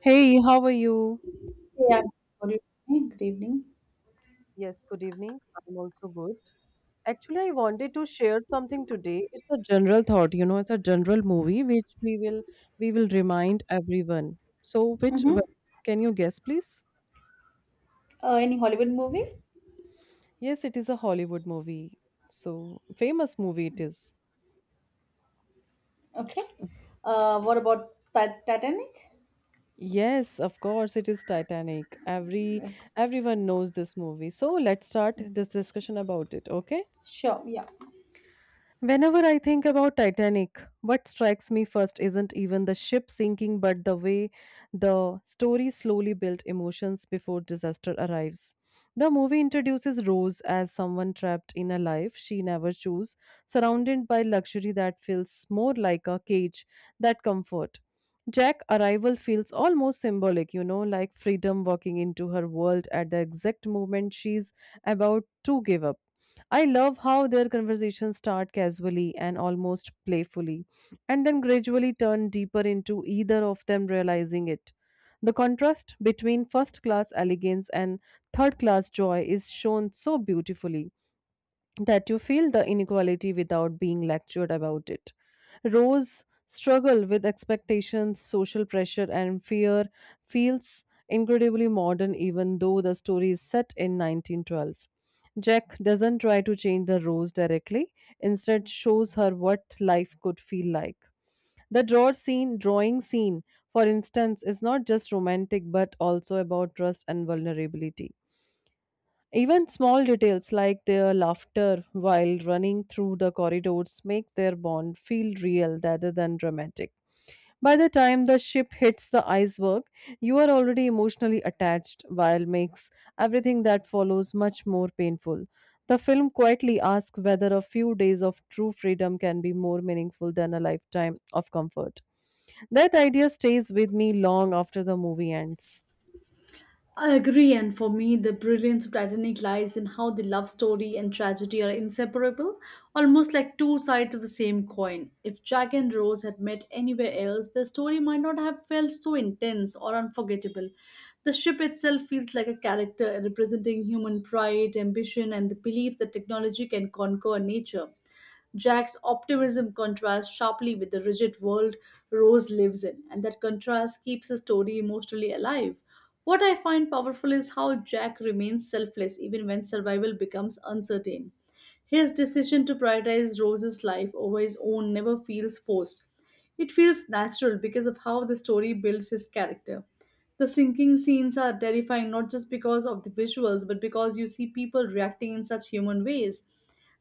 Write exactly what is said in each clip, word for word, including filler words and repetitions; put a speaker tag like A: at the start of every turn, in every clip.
A: Hey, how are you?
B: Yeah. Good evening. Good evening.
A: Yes, good evening. I'm also good. Actually, I wanted to share something today. It's a general thought, you know, it's a general movie which we will we will remind everyone. So, which
B: Mm-hmm.
A: wh- can you guess, please?
B: Uh, any Hollywood movie?
A: Yes, it is a Hollywood movie. So, famous movie it is.
B: Okay. Uh, what about Ti- Titanic?
A: Yes, of course, it is Titanic. Every
B: Yes.
A: everyone knows this movie. So, let's start this discussion about it, okay?
B: Sure. Yeah.
A: Whenever I think about Titanic, what strikes me first isn't even the ship sinking, but the way the story slowly built emotions before disaster arrives. The movie introduces Rose as someone trapped in a life she never chose, surrounded by luxury that feels more like a cage than comfort. Jack's arrival feels almost symbolic, you know, like freedom walking into her world at the exact moment she's about to give up. I love how their conversations start casually and almost playfully, and then gradually turn deeper into either of them realizing it. The contrast between first class elegance and third class joy is shown so beautifully that you feel the inequality without being lectured about it. Rose struggle with expectations, social pressure, and fear feels incredibly modern, even though the story is set in nineteen twelve. Jack doesn't try to change the Rose directly, instead shows her what life could feel like. The draw scene, drawing scene, for instance, is not just romantic but also about trust and vulnerability. Even small details like their laughter while running through the corridors make their bond feel real rather than dramatic. By the time the ship hits the iceberg, you are already emotionally attached, while makes everything that follows much more painful. The film quietly asks whether a few days of true freedom can be more meaningful than a lifetime of comfort. That idea stays with me long after the movie ends.
B: I agree, and for me, the brilliance of Titanic lies in how the love story and tragedy are inseparable, almost like two sides of the same coin. If Jack and Rose had met anywhere else, the story might not have felt so intense or unforgettable. The ship itself feels like a character representing human pride, ambition, and the belief that technology can conquer nature. Jack's optimism contrasts sharply with the rigid world Rose lives in, and that contrast keeps the story emotionally alive. What I find powerful is how Jack remains selfless even when survival becomes uncertain. His decision to prioritize Rose's life over his own never feels forced. It feels natural because of how the story builds his character. The sinking scenes are terrifying not just because of the visuals but because you see people reacting in such human ways: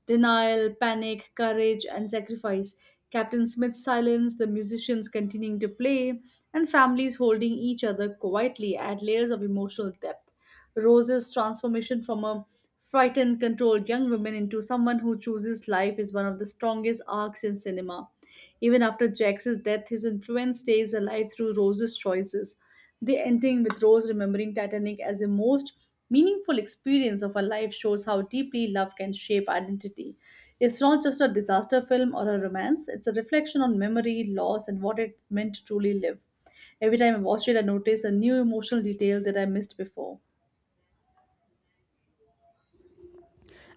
B: denial, panic, courage, and sacrifice. Captain Smith's silence, the musicians continuing to play, and families holding each other quietly add layers of emotional depth. Rose's transformation from a frightened, controlled young woman into someone who chooses life is one of the strongest arcs in cinema. Even after Jax's death, his influence stays alive through Rose's choices. The ending with Rose remembering Titanic as the most meaningful experience of her life shows how deeply love can shape identity. It's not just a disaster film or a romance, it's a reflection on memory, loss, and what it meant to truly live. Every time I watch it, I notice a new emotional detail that I missed before.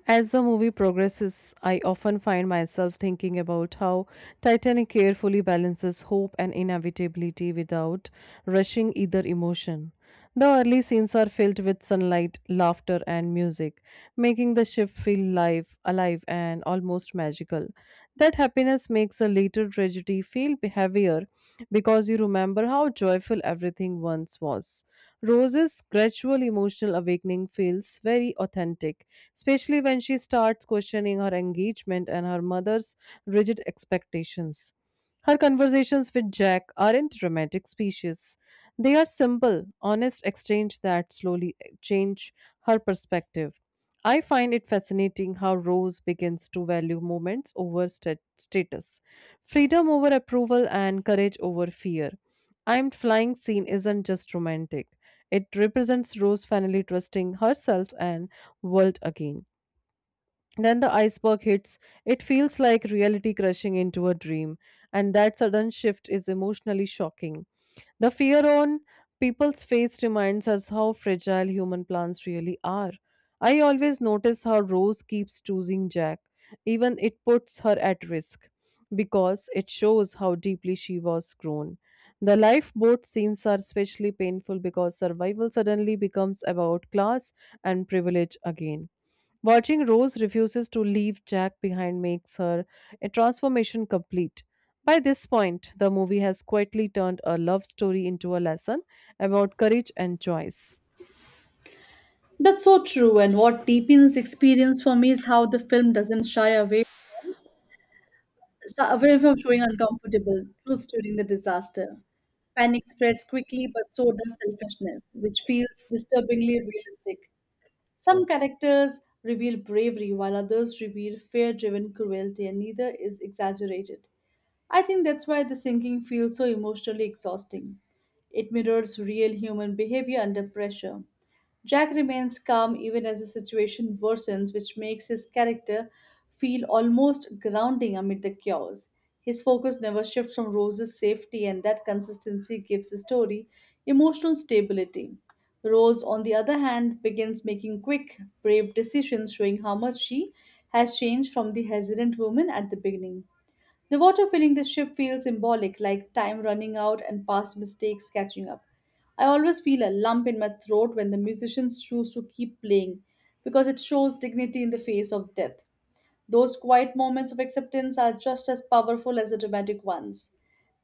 A: As the movie progresses, I often find myself thinking about how Titanic carefully balances hope and inevitability without rushing either emotion. The early scenes are filled with sunlight, laughter, and music, making the ship feel live, alive, and almost magical. That happiness makes a later tragedy feel heavier because you remember how joyful everything once was. Rose's gradual emotional awakening feels very authentic, especially when she starts questioning her engagement and her mother's rigid expectations. Her conversations with Jack aren't dramatic speeches. They are simple, honest exchange that slowly eh, change her perspective. I find it fascinating how Rose begins to value moments over stat- status, freedom over approval, and courage over fear. I'm flying scene isn't just romantic. It represents Rose finally trusting herself and world again. Then the iceberg hits. It feels like reality crashing into a dream, and that sudden shift is emotionally shocking. The fear on people's face reminds us how fragile human plants really are. I always notice how Rose keeps choosing Jack, even it puts her at risk, because it shows how deeply she was grown. The lifeboat scenes are especially painful because survival suddenly becomes about class and privilege again. Watching Rose refuses to leave Jack behind makes her a transformation complete. By this point, the movie has quietly turned a love story into a lesson about courage and choice.
B: That's so true, and what deepens the experience for me is how the film doesn't shy away So away from showing uncomfortable truths during the disaster. Panic spreads quickly, but so does selfishness, which feels disturbingly realistic. Some characters reveal bravery, while others reveal fear driven cruelty, and neither is exaggerated. I think that's why the sinking feels so emotionally exhausting. It mirrors real human behavior under pressure. Jack remains calm even as the situation worsens, which makes his character feel almost grounding amid the chaos. His focus never shifts from Rose's safety, and that consistency gives the story emotional stability. Rose, on the other hand, begins making quick, brave decisions, showing how much she has changed from the hesitant woman at the beginning. The water filling the ship feels symbolic, like time running out and past mistakes catching up. I always feel a lump in my throat when the musicians choose to keep playing because it shows dignity in the face of death. Those quiet moments of acceptance are just as powerful as the dramatic ones.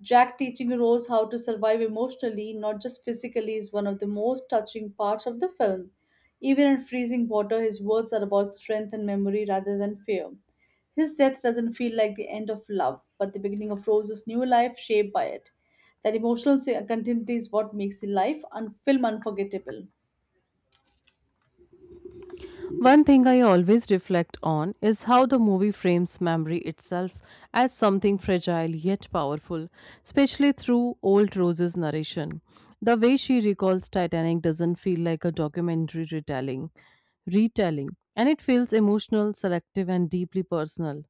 B: Jack teaching Rose how to survive emotionally, not just physically, is one of the most touching parts of the film. Even in freezing water, his words are about strength and memory rather than fear. His death doesn't feel like the end of love, but the beginning of Rose's new life shaped by it. That emotional continuity is what makes the life un- film unforgettable.
A: One thing I always reflect on is how the movie frames memory itself as something fragile yet powerful, especially through old Rose's narration. The way she recalls Titanic doesn't feel like a documentary retelling retelling, and it feels emotional, selective, and deeply personal.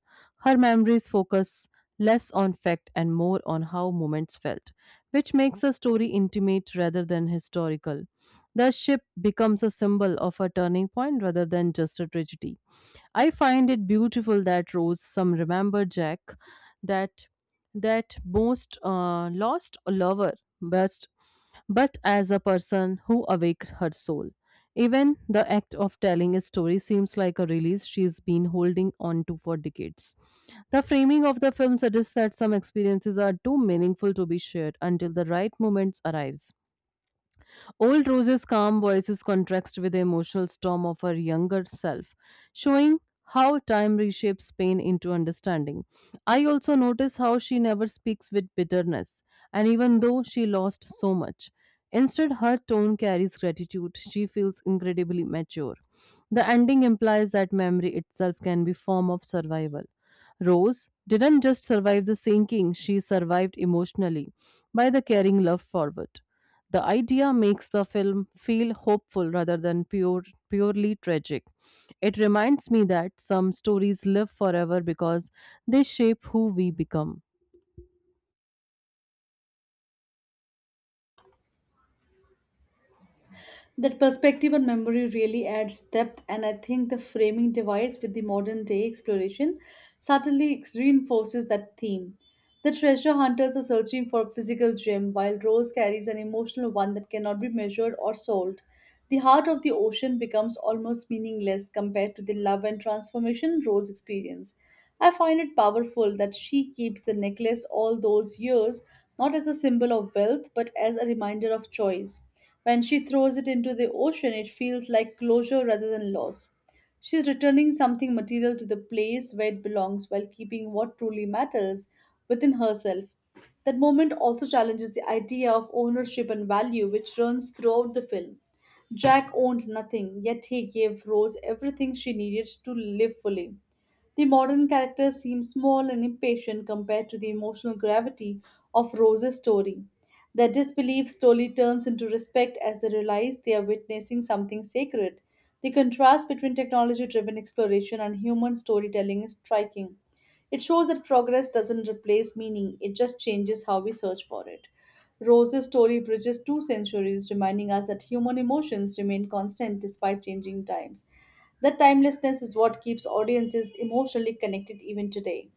A: Her memories focus less on fact and more on how moments felt, which makes a story intimate rather than historical. The ship becomes a symbol of a turning point rather than just a tragedy. I find it beautiful that Rose, some remember Jack, that that most uh, lost lover, but but as a person who awaked her soul. Even the act of telling a story seems like a release she's been holding on to for decades. The framing of the film suggests that some experiences are too meaningful to be shared until the right moment arrives. Old Rose's calm voices contrast with the emotional storm of her younger self, showing how time reshapes pain into understanding. I also notice how she never speaks with bitterness, and even though she lost so much, instead her tone carries gratitude. She feels incredibly mature. The ending implies that memory itself can be form of survival. Rose didn't just survive the sinking, she survived emotionally by the carrying love forward. The idea makes the film feel hopeful rather than pure, purely tragic. It reminds me that some stories live forever because they shape who we become.
B: That perspective on memory really adds depth, and I think the framing device with the modern day exploration subtly reinforces that theme. The treasure hunters are searching for a physical gem, while Rose carries an emotional one that cannot be measured or sold. The heart of the ocean becomes almost meaningless compared to the love and transformation Rose experiences. I find it powerful that she keeps the necklace all those years not as a symbol of wealth but as a reminder of choice. When she throws it into the ocean, it feels like closure rather than loss. She's returning something material to the place where it belongs while keeping what truly matters within herself. That moment also challenges the idea of ownership and value, which runs throughout the film. Jack owned nothing, yet he gave Rose everything she needed to live fully. The modern characters seem small and impatient compared to the emotional gravity of Rose's story. Their disbelief slowly turns into respect as they realize they are witnessing something sacred. The contrast between technology driven exploration and human storytelling is striking. It shows that progress doesn't replace meaning, it just changes how we search for it. Rose's story bridges two centuries, reminding us that human emotions remain constant despite changing times. That timelessness is what keeps audiences emotionally connected even today.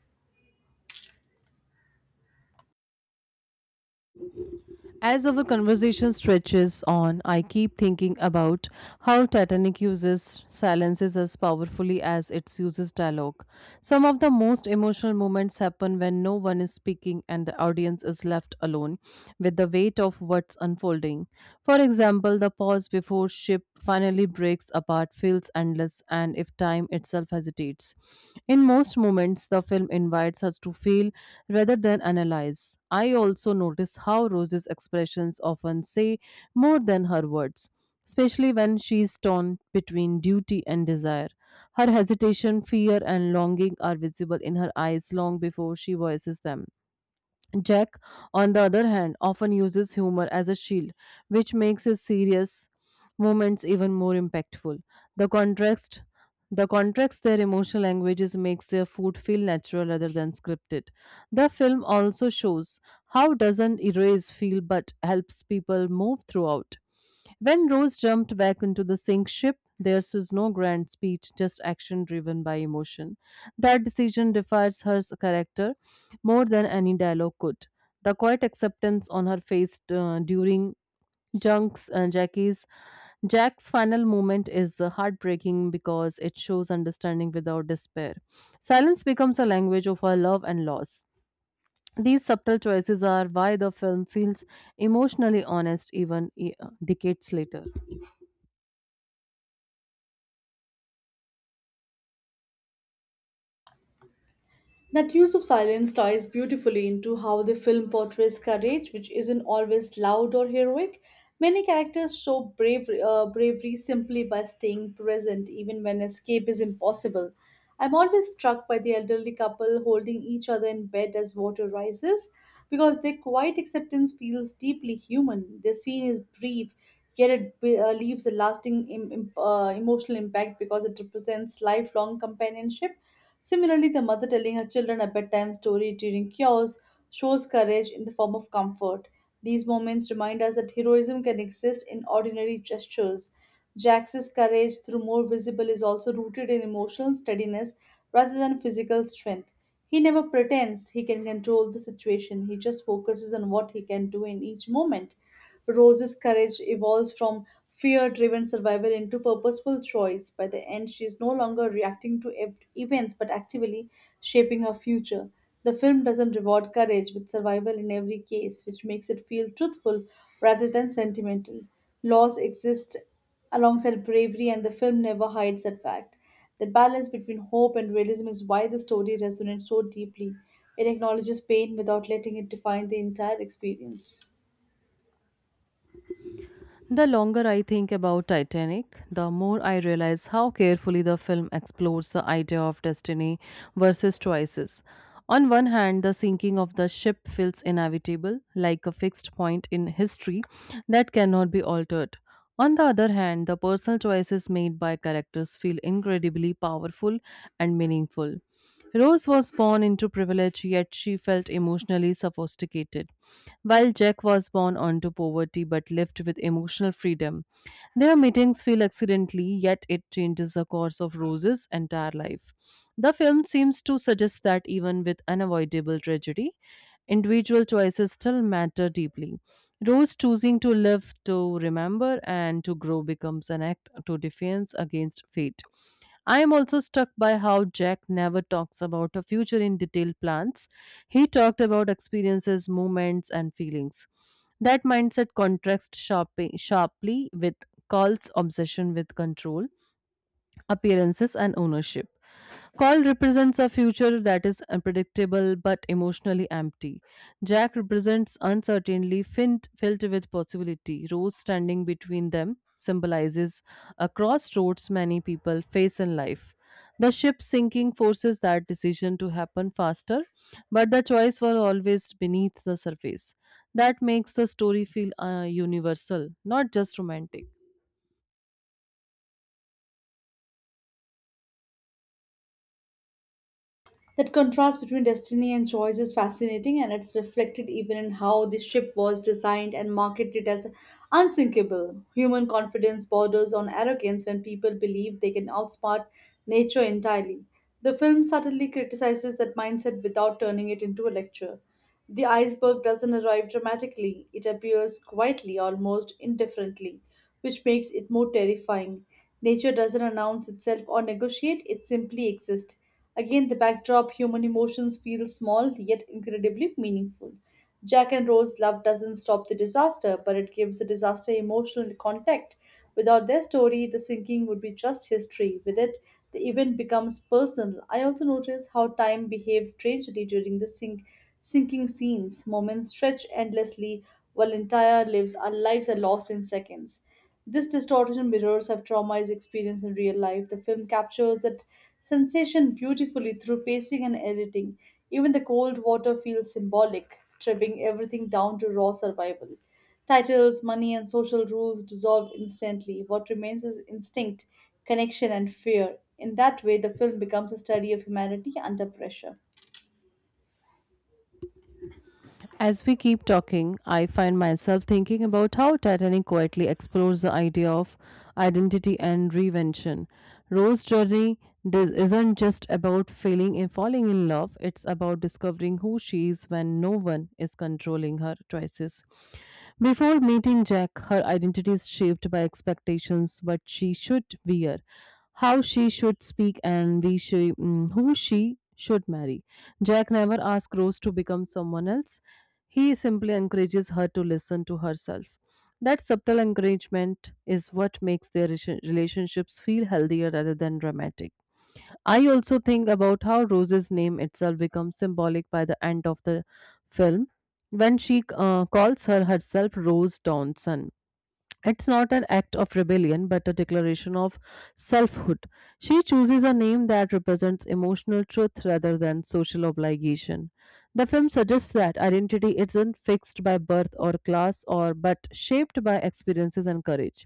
A: As our conversation stretches on, I keep thinking about how Titanic uses silences as powerfully as it uses dialogue. Some of the most emotional moments happen when no one is speaking and the audience is left alone with the weight of what's unfolding. For example, the pause before ship finally breaks apart feels endless, and if time itself hesitates. In most moments, the film invites us to feel rather than analyze. I also notice how Rose's expressions often say more than her words, especially when she is torn between duty and desire. Her hesitation, fear, and longing are visible in her eyes long before she voices them. Jack, on the other hand, often uses humor as a shield, which makes his serious moments even more impactful. The contrast the contrast their emotional languages makes their food feel natural rather than scripted. The film also shows how doesn't erase feel but helps people move throughout. When Rose jumped back into the sink ship, there was no grand speech, just action driven by emotion. That decision defies her character more than any dialogue could. The quiet acceptance on her face uh, during Junk's and Jackie's Jack's final moment is uh, heartbreaking because it shows understanding without despair. Silence becomes a language of her love and loss. These subtle choices are why the film feels emotionally honest even e- decades later.
B: That use of silence ties beautifully into how the film portrays courage, which isn't always loud or heroic. Many characters show bravery, uh, bravery simply by staying present, even when escape is impossible. I'm always struck by the elderly couple holding each other in bed as water rises, because their quiet acceptance feels deeply human. Their scene is brief, yet it be- uh, leaves a lasting Im- im- uh, emotional impact because it represents lifelong companionship. Similarly, the mother telling her children a bedtime story during cures shows courage in the form of comfort. These moments remind us that heroism can exist in ordinary gestures. Jax's courage, through more visible, is also rooted in emotional steadiness rather than physical strength. He never pretends he can control the situation, he just focuses on what he can do in each moment. Rose's courage evolves from fear driven survival into purposeful choice. By the end, she is no longer reacting to ev- events but actively shaping her future. The film doesn't reward courage with survival in every case, which makes it feel truthful rather than sentimental. Loss exists alongside bravery, and the film never hides that fact. The balance between hope and realism is why the story resonates so deeply. It acknowledges pain without letting it define the entire experience.
A: The longer I think about Titanic, the more I realize how carefully the film explores the idea of destiny versus choices. On one hand, the sinking of the ship feels inevitable, like a fixed point in history that cannot be altered. On the other hand, the personal choices made by characters feel incredibly powerful and meaningful. Rose was born into privilege, yet she felt emotionally sophisticated. While Jack was born onto poverty but lived with emotional freedom, their meetings feel accidentally, yet it changes the course of Rose's entire life. The film seems to suggest that even with unavoidable tragedy, individual choices still matter deeply. Rose choosing to live to remember and to grow becomes an act to defiance against fate. I am also struck by how Jack never talks about a future in detailed plans. He talked about experiences, moments, and feelings. That mindset contrasts sharp- sharply with Carl's obsession with control appearances, and ownership. Call represents a future that is unpredictable but emotionally empty. Jack represents uncertainty filled, filled with possibility. Rose standing between them symbolizes a crossroads many people face in life. The ship sinking forces that decision to happen faster, but the choice was always beneath the surface. That makes the story feel uh, universal, not just romantic.
B: That contrast between destiny and choice is fascinating, and it's reflected even in how the ship was designed and marketed as unsinkable. Human confidence borders on arrogance when people believe they can outsmart nature entirely. The film subtly criticizes that mindset without turning it into a lecture. The iceberg doesn't arrive dramatically, it appears quietly, almost indifferently, which makes it more terrifying. Nature doesn't announce itself or negotiate, it simply exists. Again, the backdrop human emotions feel small yet incredibly meaningful. Jack and Rose love doesn't stop the disaster, but it gives the disaster emotional contact. Without their story, the sinking would be just history. With it, the event becomes personal. I also notice how time behaves strangely during the sink, sinking scenes. Moments stretch endlessly while entire lives, our lives are lost in seconds. This distortion mirrors have traumatized experience in real life. The film captures that sensation beautifully through pacing and editing. Even the cold water feels symbolic, stripping everything down to raw survival. Titles, money, and social rules dissolve instantly. What remains is instinct, connection, and fear. In that way, the film becomes a study of humanity under pressure.
A: As we keep talking, I find myself thinking about how Titanic quietly explores the idea of identity and reinvention. Rose's journey dis- isn't just about failing and falling in love, it's about discovering who she is when no one is controlling her choices. Before meeting Jack, her identity is shaped by expectations, what she should wear how she should speak and we she, mm, who she should marry. Jack never asks Rose to become someone else. He simply encourages her to listen to herself. That subtle encouragement is what makes their rela- relationships feel healthier rather than dramatic. I also think about how Rose's name itself becomes symbolic by the end of the film when she uh, calls her herself Rose Dawson. It's not an act of rebellion, but a declaration of selfhood. She chooses a name that represents emotional truth rather than social obligation. The film suggests that identity isn't fixed by birth or class, or but shaped by experiences and courage.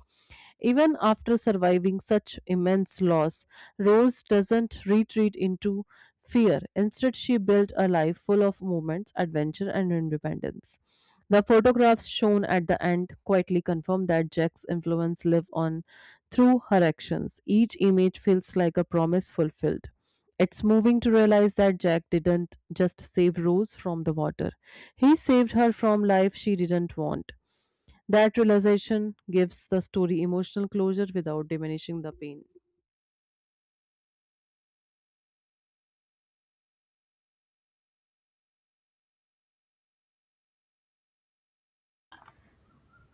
A: Even after surviving such immense loss, Rose doesn't retreat into fear. Instead, she built a life full of moments, adventure, and independence. The photographs shown at the end quietly confirm that Jack's influence live on through her actions. Each image feels like a promise fulfilled. It's moving to realize that Jack didn't just save Rose from the water. He saved her from life she didn't want. That realization gives the story emotional closure without diminishing the pain.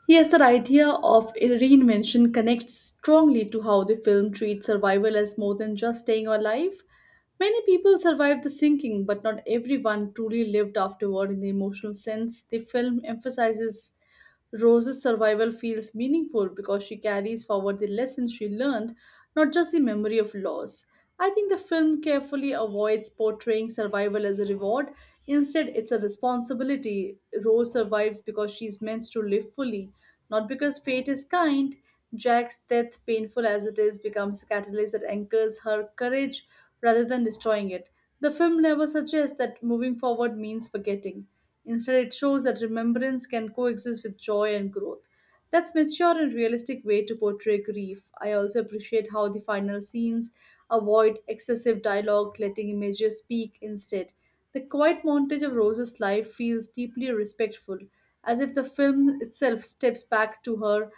B: Yes, that idea of a reinvention connects strongly to how the film treats survival as more than just staying alive. Many people survived the sinking, but not everyone truly lived afterward in the emotional sense. The film emphasizes Rose's survival feels meaningful because she carries forward the lessons she learned, not just the memory of loss. I think the film carefully avoids portraying survival as a reward. Instead, it's a responsibility. Rose survives because she's meant to live fully, not because fate is kind. Jack's death, painful as it is, becomes a catalyst that anchors her courage rather than destroying it. The film never suggests that moving forward means forgetting. Instead, it shows that remembrance can coexist with joy and growth. That's mature and realistic way to portray grief. I also appreciate how the final scenes avoid excessive dialogue, letting images speak instead. The quiet montage of Rose's life feels deeply respectful, as if the film itself steps back to her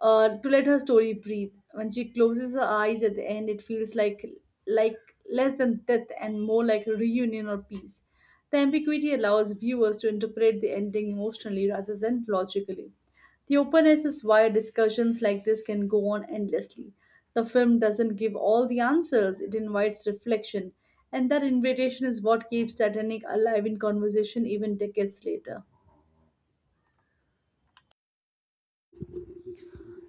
B: uh, to let her story breathe. When she closes her eyes at the end, it feels like like less than death and more like a reunion or peace. The ambiguity allows viewers to interpret the ending emotionally rather than logically. The openness is why discussions like this can go on endlessly. The film doesn't give all the answers, it invites reflection, and that invitation is what keeps Titanic alive in conversation even decades later.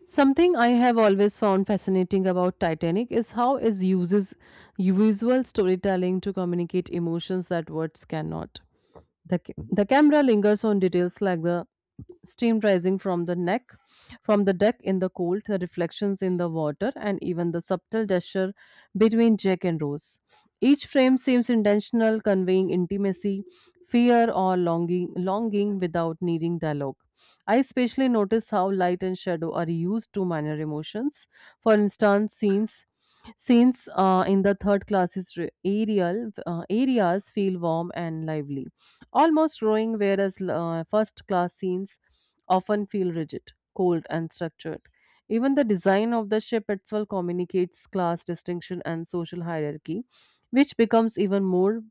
A: Something I have always found fascinating about Titanic is how it uses visual storytelling to communicate emotions that words cannot. The, ca- the camera lingers on details like the steam rising from the neck, from the deck in the cold, the reflections in the water, and even the subtle gesture between Jack and Rose. Each frame seems intentional, conveying intimacy, fear, or longing, longing without needing dialogue. I especially notice how light and shadow are used to minor emotions. For instance, scenes scenes uh, in the third class is re- aerial uh, areas feel warm and lively almost rowing, whereas uh, first class scenes often feel rigid, cold, and structured. Even the design of the ship itself communicates class distinction and social hierarchy, which becomes even more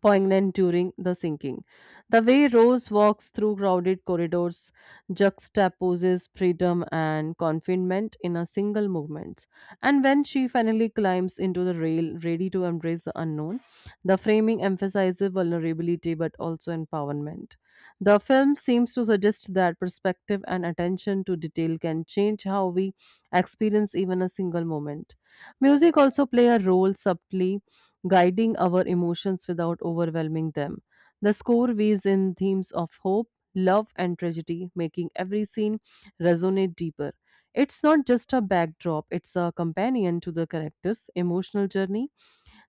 A: poignant during the sinking. The way Rose walks through crowded corridors juxtaposes freedom and confinement in a single movement. And when she finally climbs into the rail, ready to embrace the unknown, the framing emphasizes vulnerability but also empowerment. The film seems to suggest that perspective and attention to detail can change how we experience even a single moment. Music also play a role subtly guiding our emotions without overwhelming them. The score weaves in themes of hope, love, and tragedy, making every scene resonate deeper. It's not just a backdrop, it's a companion to the character's emotional journey.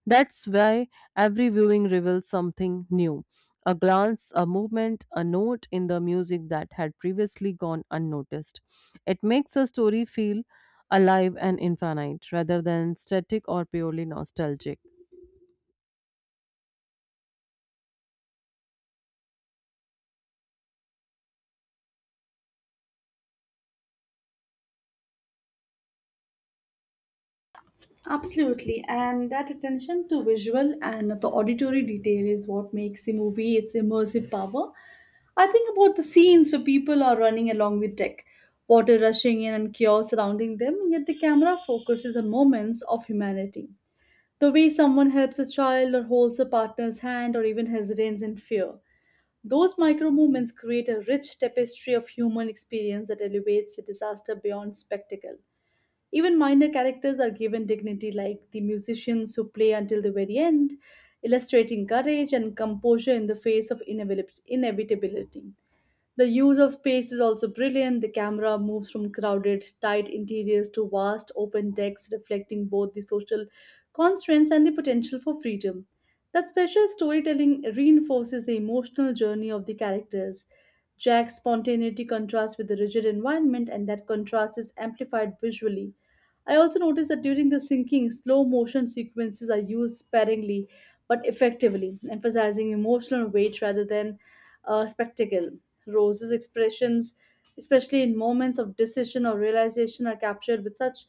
A: That's why every viewing reveals something new, a glance, a movement, a note in the music that had previously gone unnoticed. It makes the story feel alive and infinite rather than static or purely nostalgic.
B: Absolutely, and that attention to visual and the auditory detail is what makes the movie its immersive power. I think about the scenes where people are running along the deck, water rushing in and chaos surrounding them, yet the camera focuses on moments of humanity. The way someone helps a child or holds a partner's hand or even hesitates in fear. Those micro movements create a rich tapestry of human experience that elevates the disaster beyond spectacle. Even minor characters are given dignity, like the musicians who play until the very end, illustrating courage and composure in the face of inevit- inevitability. The use of space is also brilliant. The camera moves from crowded, tight interiors to vast, open decks, reflecting both the social constraints and the potential for freedom. That special storytelling reinforces the emotional journey of the characters. Jack's spontaneity contrasts with the rigid environment, and that contrast is amplified visually. I also noticed that during the sinking, slow motion sequences are used sparingly but effectively, emphasizing emotional weight rather than uh, spectacle. Rose's expressions, especially in moments of decision or realization, are captured with such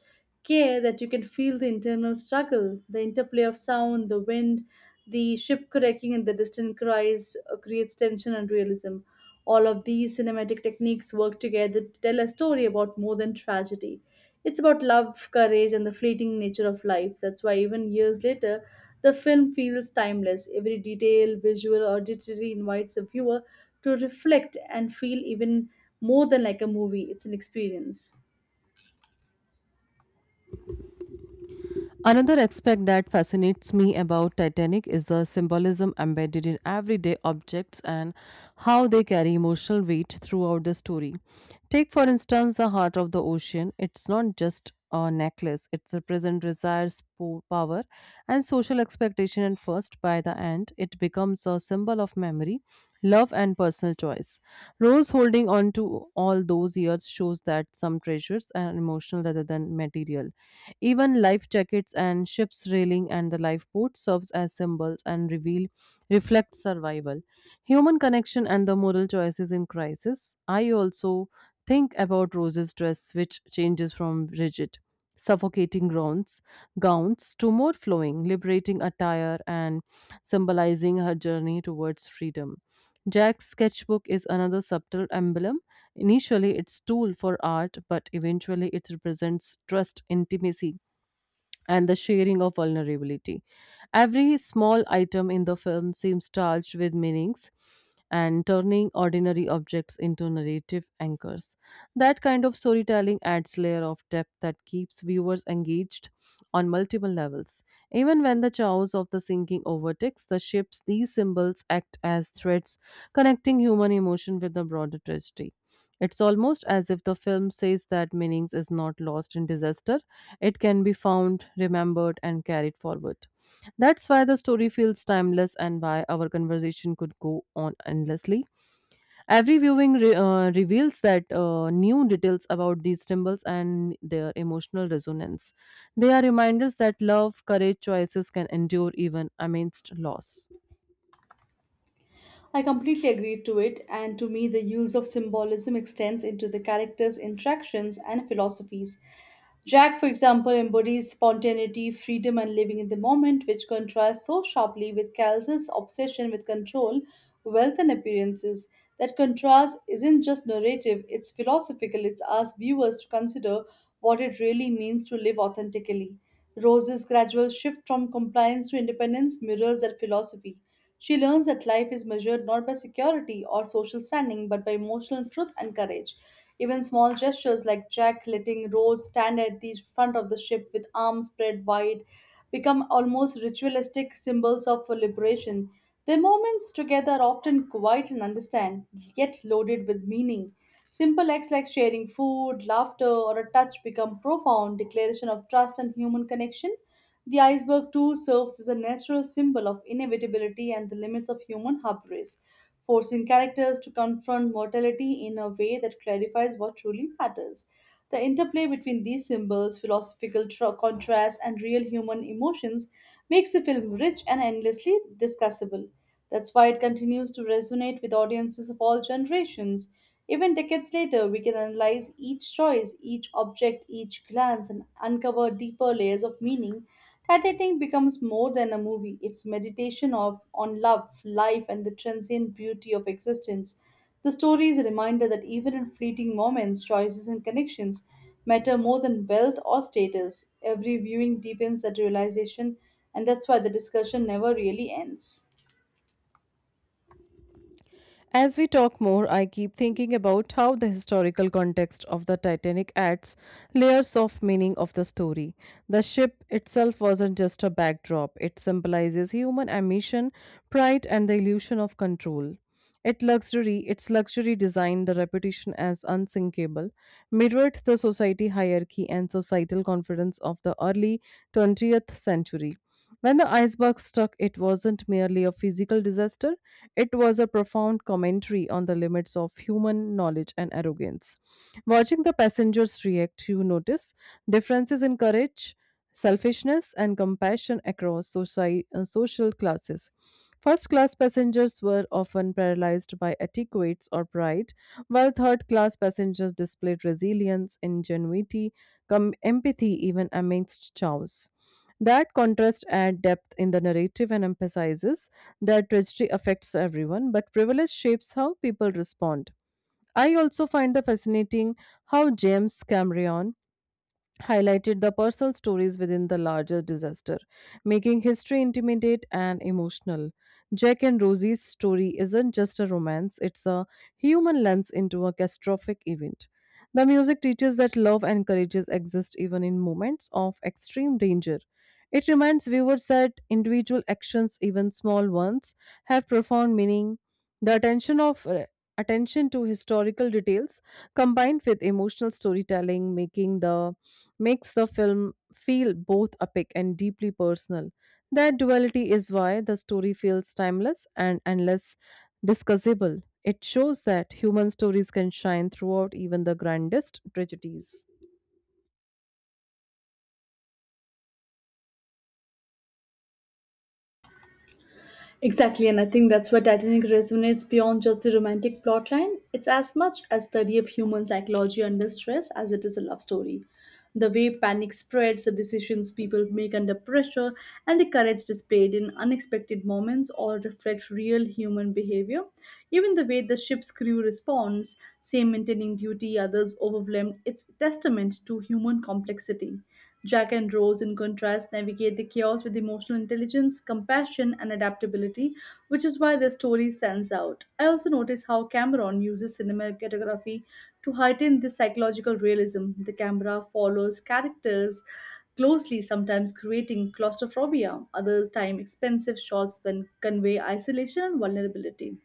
B: care that you can feel the internal struggle, the interplay of sound, the wind, the ship cracking, and the distant cries uh, creates tension and realism. All of these cinematic techniques work together to tell a story about more than tragedy. It's about love, courage, and the fleeting nature of life. That's why, even years later, the film feels timeless. Every detail, visual, auditory invites a viewer to reflect and feel even more than like a movie. It's an experience.
A: Another aspect that fascinates me about Titanic is the symbolism embedded in everyday objects and how they carry emotional weight throughout the story. Take, for instance, the heart of the ocean. It's not just a necklace, it represents desires, po- power, and social expectation. And first, by the end, it becomes a symbol of memory, love, and personal choice. Rose holding on to all those years shows that some treasures are emotional rather than material, even life jackets and ship's railing and the lifeboat serves as symbols and reveal reflect survival, human connection and the moral choices in crisis. I also think about Rose's dress which changes from rigid suffocating gowns gowns to more flowing liberating attire and symbolizing her journey towards freedom. Jack's sketchbook is another subtle emblem. Initially, it's tool for art, but eventually, it represents trust, intimacy, and the sharing of vulnerability. Every small item in the film seems charged with meanings and turning ordinary objects into narrative anchors. That kind of storytelling adds layer of depth that keeps viewers engaged on multiple levels. Even when the chaos of the sinking overtakes the ships, these symbols act as threads connecting human emotion with the broader tragedy. It's almost as if the film says that meanings is not lost in disaster, it can be found, remembered, and carried forward. That's why the story feels timeless and why our conversation could go on endlessly. Every viewing re- uh, reveals that uh, new details about these symbols and their emotional resonance. They are reminders that love, courage, choices can endure even amidst loss.
B: I completely agree to it, and to me, the use of symbolism extends into the characters' interactions and philosophies. Jack, for example, embodies spontaneity, freedom, and living in the moment, which contrasts so sharply with Cal's obsession with control, wealth, and appearances. That contrast isn't just narrative, it's philosophical. It asks viewers to consider what it really means to live authentically. Rose's gradual shift from compliance to independence mirrors that philosophy. She learns that life is measured not by security or social standing, but by emotional truth and courage. Even small gestures like Jack letting Rose stand at the front of the ship with arms spread wide become almost ritualistic symbols of liberation. Their moments together are often quiet and understand, yet loaded with meaning. Simple acts like sharing food, laughter, or a touch become profound declaration of trust and human connection. The iceberg too serves as a natural symbol of inevitability and the limits of human hubris, forcing characters to confront mortality in a way that clarifies what truly matters. The interplay between these symbols, philosophical tr- contrasts, and real human emotions makes the film rich and endlessly discussable. That's why it continues to resonate with audiences of all generations. Even decades later, we can analyze each choice, each object, each glance, and uncover deeper layers of meaning. Titanic becomes more than a movie. It's meditation of on love, life, and the transient beauty of existence. The story is a reminder that even in fleeting moments, choices and connections matter more than wealth or status. Every viewing deepens that realization, and that's why the discussion never really ends.
A: As we talk more, I keep thinking about how the historical context of the Titanic adds layers of meaning of the story. The ship itself wasn't just a backdrop, it symbolizes human ambition, pride, and the illusion of control. It luxury, its luxury design, the reputation as unsinkable, mirrored the society hierarchy and societal confidence of the early twentieth century. When the iceberg struck, it wasn't merely a physical disaster, it was a profound commentary on the limits of human knowledge and arrogance. Watching the passengers react, you notice differences in courage, selfishness, and compassion across soci- uh, social classes. First class passengers were often paralyzed by etiquettes or pride, while third class passengers displayed resilience, ingenuity, com- empathy even amidst chaos. That contrast adds depth in the narrative and emphasizes that tragedy affects everyone, but privilege shapes how people respond. I also find the fascinating how James Cameron highlighted the personal stories within the larger disaster, making history intimate and emotional. Jack and Rosie's story isn't just a romance, it's a human lens into a catastrophic event. The music teaches that love and courage exist even in moments of extreme danger. It reminds viewers that individual actions, even small ones, have profound meaning. The attention of uh, attention to historical details combined with emotional storytelling making the makes the film feel both epic and deeply personal. That duality is why the story feels timeless and endless discussable. It shows that human stories can shine throughout even the grandest tragedies.
B: Exactly, and I think that's why Titanic resonates beyond just the romantic plotline. It's as much a study of human psychology under stress as it is a love story. The way panic spreads, the decisions people make under pressure, and the courage displayed in unexpected moments all reflect real human behavior. Even the way the ship's crew responds, some maintaining duty, others overwhelmed, it's testament to human complexity. Jack and Rose, in contrast, navigate the chaos with emotional intelligence, compassion, and adaptability, which is why their story stands out. I also notice how Cameron uses cinematography to heighten this psychological realism, the camera follows characters closely, sometimes creating claustrophobia, others time expensive shots that convey isolation and vulnerability.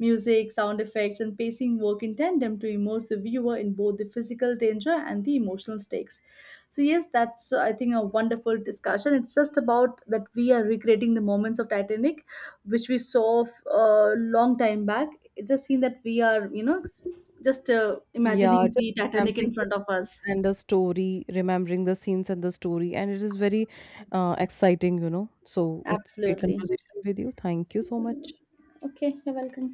B: Music, sound effects, and pacing work in tandem to immerse the viewer in both the physical danger and the emotional stakes. So, yes, that's uh, I think a wonderful discussion. It's just about that we are recreating the moments of Titanic, which we saw a long time back. It's just seen that we are, you know, just uh,
A: Yeah,
B: imagining
A: just
B: the Titanic
A: remembering
B: in
A: the
B: front of
A: scenes
B: us.
A: and the story, remembering the scenes and the story, and it is very uh, exciting, you know. So it's great
B: Absolutely.
A: conversation with you. Thank you so much.
B: Okay, you're welcome.